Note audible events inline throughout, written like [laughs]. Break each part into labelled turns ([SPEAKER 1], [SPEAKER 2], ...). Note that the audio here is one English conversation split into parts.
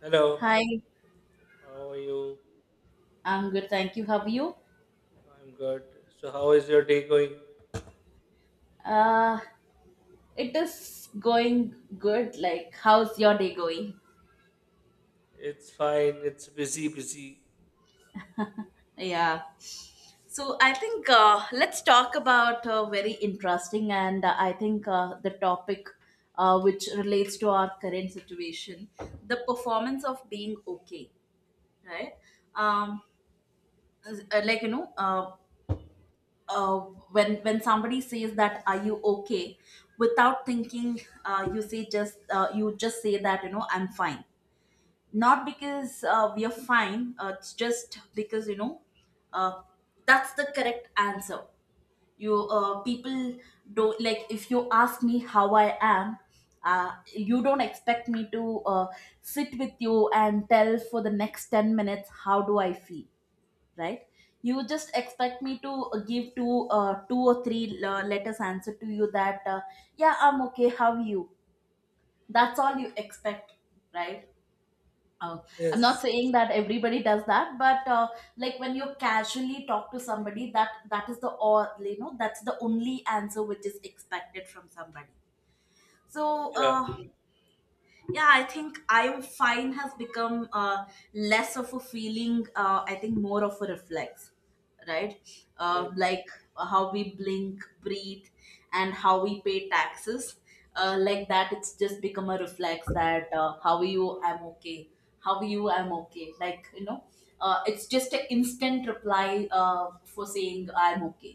[SPEAKER 1] Hello,
[SPEAKER 2] Hi,
[SPEAKER 1] how are you?
[SPEAKER 2] I'm good. Thank you. How are you?
[SPEAKER 1] I'm good. So, how is your day going?
[SPEAKER 2] Uh, it is going good. Like, how's your day going?
[SPEAKER 1] It's fine. It's busy, busy.
[SPEAKER 2] Yeah. So I think let's talk about very interesting and I think the topic, which relates to our current situation, the performance of being okay, right? Um, like you know, uh, when somebody says that, are you okay, without thinking, you say just you just say that I'm fine, not because we are fine, it's just because uh, that's the correct answer. You people don't like if you ask me how I am. You don't expect me to sit with you and tell for the next 10 minutes how do I feel, right? You just expect me to give two two or three letters answer to you that yeah, I'm okay, how are you. That's all you expect, right? Uh, i'm not
[SPEAKER 1] Yes.
[SPEAKER 2] saying that everybody does that, but like when you casually talk to somebody, that is the all, that's the only answer which is expected from somebody. So
[SPEAKER 1] Yeah.
[SPEAKER 2] uh, yeah, I think I find has become less of a feeling, I think more of a reflex, right?
[SPEAKER 1] Yes.
[SPEAKER 2] Like how we blink, breathe, and how we pay taxes. Like that, it's just become a reflex that how are you, I'm okay. How are you, I'm okay. It's just an instant reply, for saying I'm okay.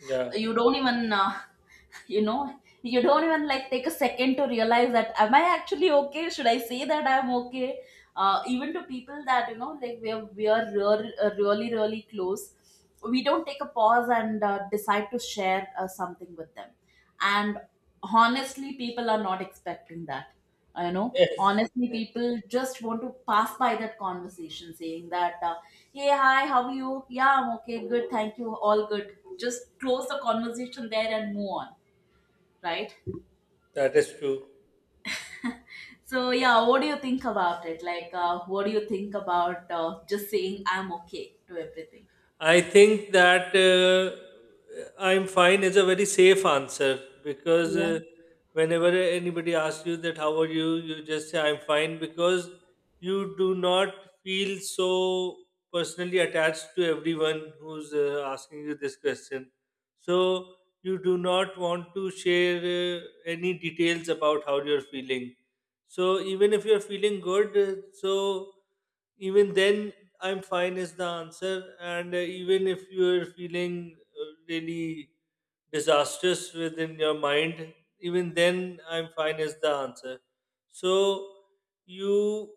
[SPEAKER 1] Yeah.
[SPEAKER 2] You don't even [laughs] you don't even like take a second to realize that, am I actually okay, should I say that I'm okay. Even to people that, like we are real, really really close, we don't take a pause and decide to share something with them. And honestly, people are not expecting that.
[SPEAKER 1] Yes.
[SPEAKER 2] Honestly, people just want to pass by that conversation, saying that, hey, hi, how are you, yeah I'm okay, good, thank you, all good, just close the conversation there and move on, right?
[SPEAKER 1] That is true.
[SPEAKER 2] So yeah, what do you think about it? Like what do you think about just saying I'm okay to everything?
[SPEAKER 1] I think that I'm fine is a very safe answer because
[SPEAKER 2] Yeah.
[SPEAKER 1] uh, whenever anybody asks you that how are you, you just say I'm fine because you do not feel so personally attached to everyone who's asking you this question. So you do not want to share any details about how you're feeling, so even if you're feeling good, so even then I'm fine is the answer. And even if you're feeling really disastrous within your mind, even then I'm fine is the answer. So you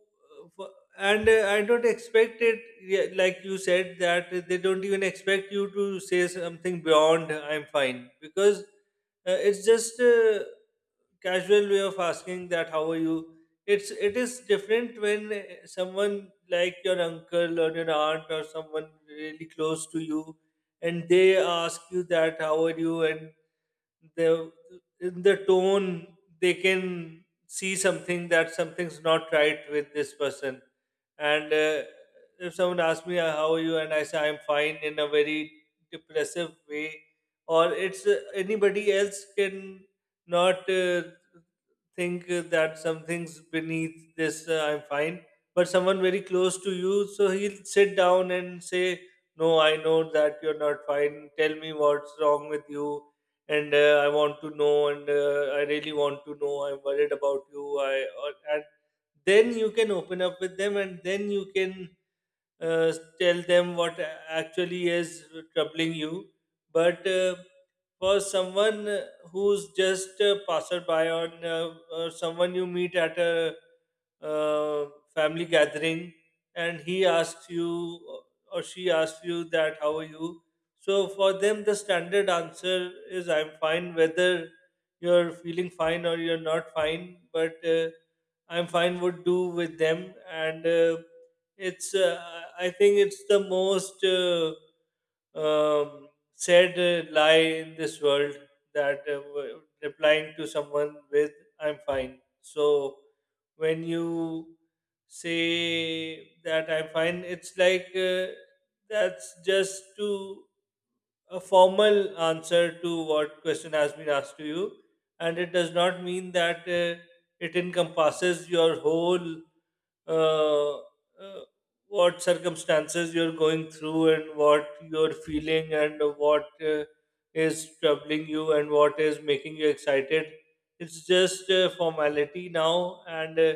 [SPEAKER 1] f- and I don't expect it, yeah, like you said that they don't even expect you to say something beyond I'm fine because it's just. Casual way of asking that how are you. It is different when someone like your uncle or your aunt or someone really close to you and they ask you that how are you, and the in the tone they can see something, that something's not right with this person. And if someone asks me, how are you? And I say, I'm fine in a very depressive way, or it's, anybody else can not think that something's beneath this, I'm fine. But someone very close to you, so he'll sit down and say, no, I know that you're not fine. Tell me what's wrong with you, and I want to know, and I really want to know. I'm worried about you. And then you can open up with them, and then you can uh, tell them what actually is troubling you. But for someone who's just a passerby, or or someone you meet at a uh, family gathering, and he asks you or she asks you that how are you, so for them the standard answer is I'm fine, whether you're feeling fine or you're not fine but I'm fine would do with them. And uh, it's uh, i I think it's the most um, said lie in this world, that replying to someone with I'm fine. So when you say that I'm fine, it's like that's just to a formal answer to what question has been asked to you, and it does not mean that it encompasses your whole, uh, uh, what circumstances you're going through, and what you're feeling, and what is troubling you, and what is making you excited. It's just a formality now. And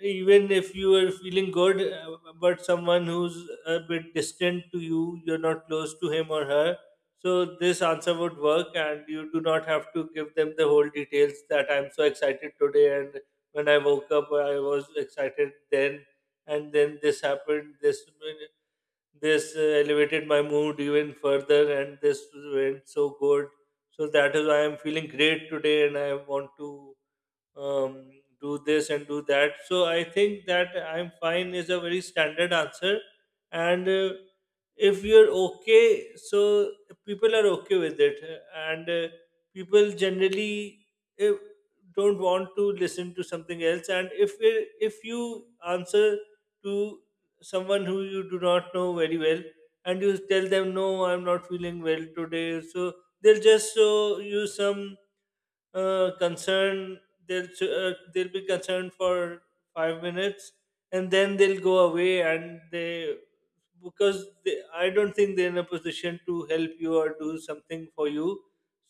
[SPEAKER 1] even if you are feeling good, but someone who's a bit distant to you, you're not close to him or her, so this answer would work, and you do not have to give them the whole details that I'm so excited today, and when I woke up I was excited, then and then this happened, this elevated my mood even further, and this went so good. So that is why I'm feeling great today, and I want to um, do this and do that. So I think that I'm fine is a very standard answer. And if you're okay, so people are okay with it. And people generally, eh, don't want to listen to something else. And if you answer to someone who you do not know very well, and you tell them, no, I'm not feeling well today, so they'll just show you some concern. They'll be concerned for 5 minutes, and then they'll go away, and they because I don't think they're in a position to help you or do something for you.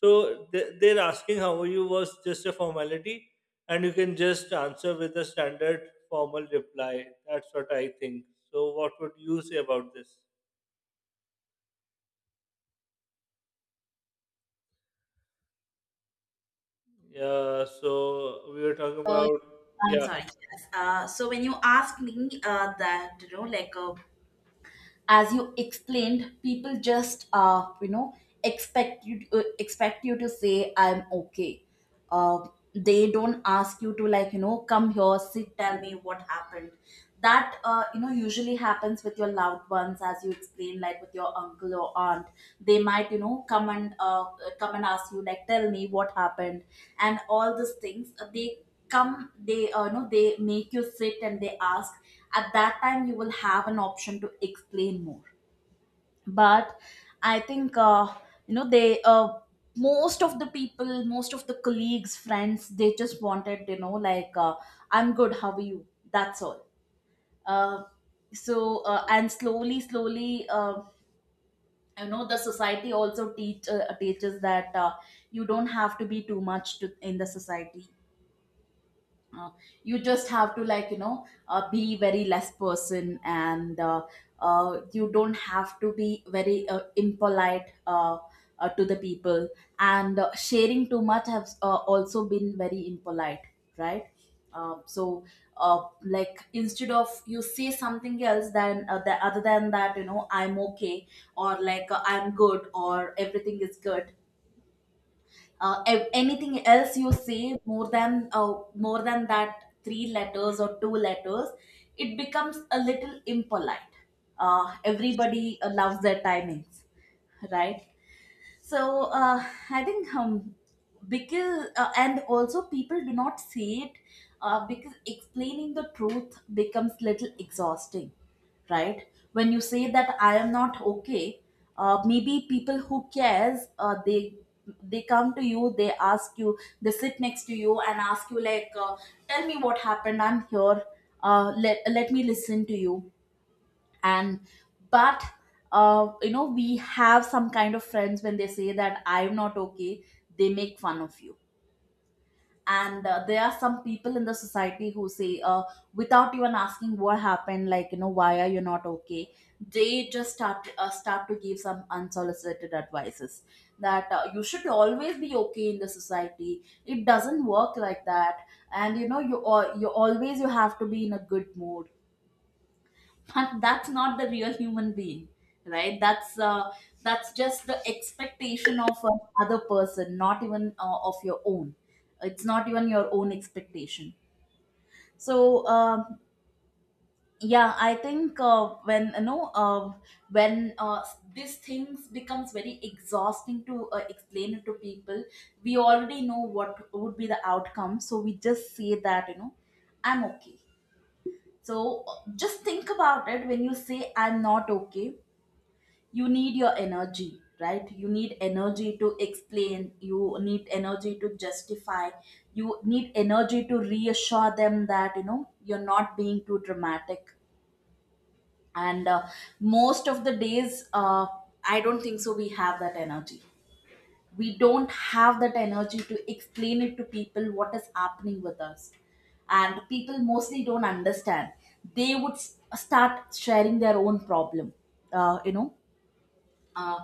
[SPEAKER 1] So they're asking how are you, was just a formality, and you can just answer with a standard formal reply. That's what I think. So what would you say about this? Yeah, so we were talking
[SPEAKER 2] Uh,
[SPEAKER 1] about,
[SPEAKER 2] I'm
[SPEAKER 1] yeah.
[SPEAKER 2] sorry, yes. So when you ask me, that, like, as you explained, people just expect you to say I'm okay. uh, they don't ask you to, like come here, sit, tell me what happened. That usually happens with your loved ones, as you explain, like with your uncle or aunt. They might, come and come and ask you, like, tell me what happened. And all these things, they come, they know, they make you sit and they ask. At that time you will have an option to explain more. But I think they, most of the colleagues, friends, they just wanted, like, I'm good, how are you. That's all. uh, so and slowly slowly the society also teaches that, you don't have to be too much to, in the society, uh, you just have to, like be very less person, and you don't have to be very impolite, to the people. And sharing too much has also been very impolite, right? So like, instead of you say something else than, other than that, I'm okay, or like I'm good, or everything is good. Anything else you say more than that, three letters or two letters, it becomes a little impolite. Everybody loves their timings, right? So I think, because, and also people do not say it, because explaining the truth becomes little exhausting, right? When you say that I am not okay, maybe people who cares, they come to you, they ask you, they sit next to you and ask you, like, tell me what happened, I'm here, let me listen to you. And, but we have some kind of friends, when they say that I'm not okay, they make fun of you. And there are some people in the society who say, without even asking what happened, like why are you not okay, they just start start to give some unsolicited advices, that you should always be okay. In the society it doesn't work like that. And you always you have to be in a good mood. [laughs] That's not the real human being, right? That's that's just the expectation of another person, not even of your own. It's not even your own expectation. So, um, yeah, I think when you know when, these things becomes very exhausting to explain it to people, we already know what would be the outcome, so we just say that, I'm okay. So just think about it. When you say I'm not okay, you need your energy, right? You need energy to explain, you need energy to justify, you need energy to reassure them that you're not being too dramatic. And most of the days I don't think so we have that energy. We don't have that energy to explain it to people what is happening with us. And people mostly don't understand, they would start sharing their own problem. uh, you know uh,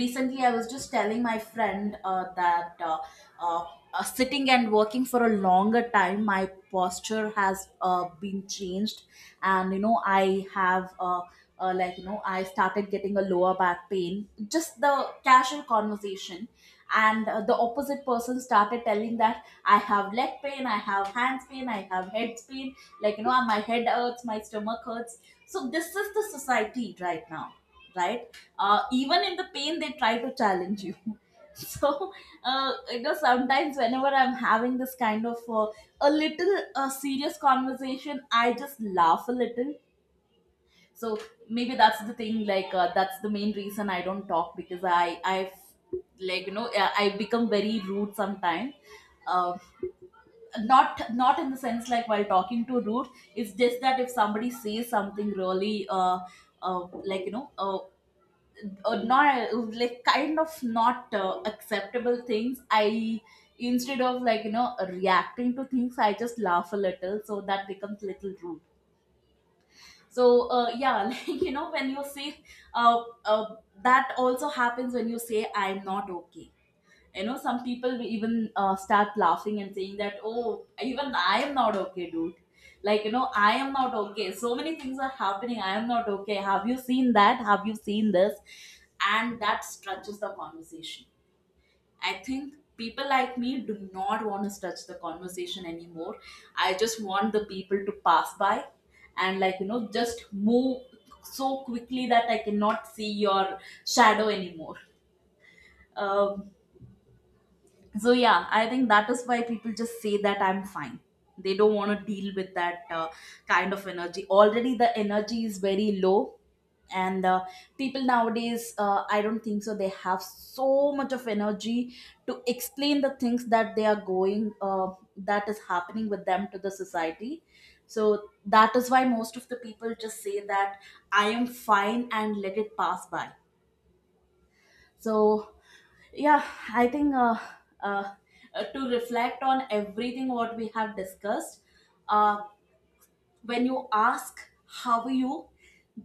[SPEAKER 2] Recently I was just telling my friend that, uh, sitting and working for a longer time, my posture has been changed. And I have like, I started getting a lower back pain, just the casual conversation, and the opposite person started telling that I have leg pain, I have hands pain, I have head pain, like my head hurts, my stomach hurts. So this is the society right now, right? Even in the pain they try to challenge you. [laughs] So sometimes, whenever I'm having this kind of a little serious conversation, I just laugh a little. So maybe that's the thing, like, that's the main reason I don't talk, because I like I become very rude sometimes. uh, not in the sense like while talking to rude, it's just that if somebody says something really uh, like, not like kind of not acceptable things. I, instead of, like, reacting to things, I just laugh a little, so that becomes little rude. So yeah, [laughs] like, when you say uh, uh, that also happens when you say I'm not okay. Some people will even start laughing and saying that, oh even I am not okay dude, like, I am not okay, so many things are happening, I am not okay, have you seen that, have you seen this. And that stretches the conversation. I think people like me do not want to stretch the conversation anymore, I just want the people to pass by. And, like just move so quickly that I cannot see your shadow anymore. Um, so yeah, I think that is why people just say that I'm fine. They don't want to deal with that kind of energy. Already the energy is very low, and people nowadays, I don't think so they have so much of energy to explain the things that they are going, that is happening with them, to the society. So that is why most of the people just say that I am fine and let it pass by. So yeah, I think uh, to reflect on everything what we have discussed, uh, when you ask how are you,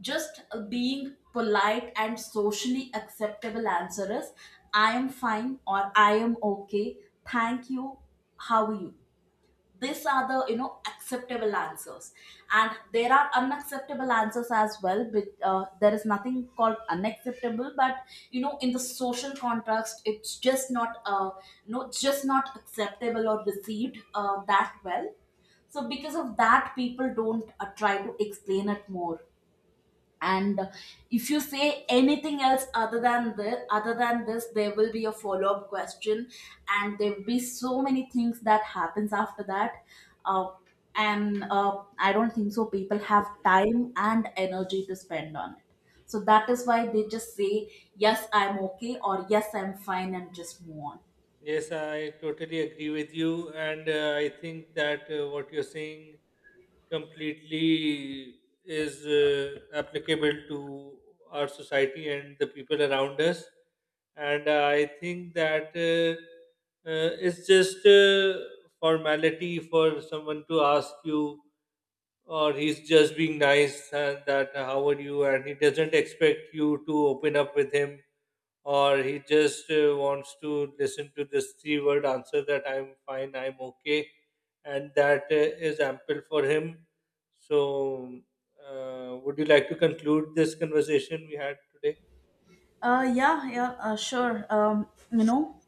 [SPEAKER 2] just being polite and socially acceptable answer is, I am fine, or I am okay, thank you, how are you. These are the, acceptable answers. And there are unacceptable answers as well, but there is nothing called unacceptable, but, in the social context it's just not, it's just not acceptable or received that well. So because of that people don't try to explain it more. And if you say anything else other than this, there will be a follow up question, and there will be so many things that happens after that. uh, and I don't think so people have time and energy to spend on it. So that is why they just say, yes I'm okay, or yes I'm fine, and just move on.
[SPEAKER 1] Yes, I totally agree with you, and I think that what you're saying completely is applicable to our society and the people around us. And I think that it's just formality for someone to ask you, or he's just being nice, and that how are you, and he doesn't expect you to open up with him, or he just wants to listen to this three word answer, that I'm fine, I'm okay, and that is ample for him. So, would you like to conclude this conversation we had today?
[SPEAKER 2] Yeah, yeah, sure. You know,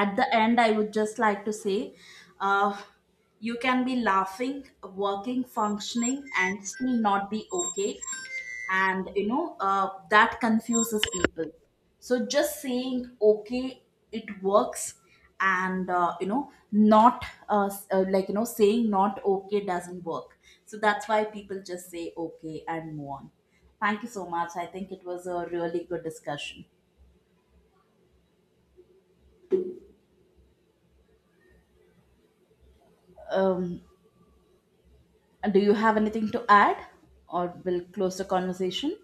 [SPEAKER 2] at the end I would just like to say, uh, you can be laughing, working, functioning, and still not be okay. And that confuses people, so just saying okay, it works. And not s- like, saying not okay doesn't work. So that's why people just say okay and move on. Thank you so much, I think it was a really good discussion. um, And do you have anything to add, or we'll close the conversation?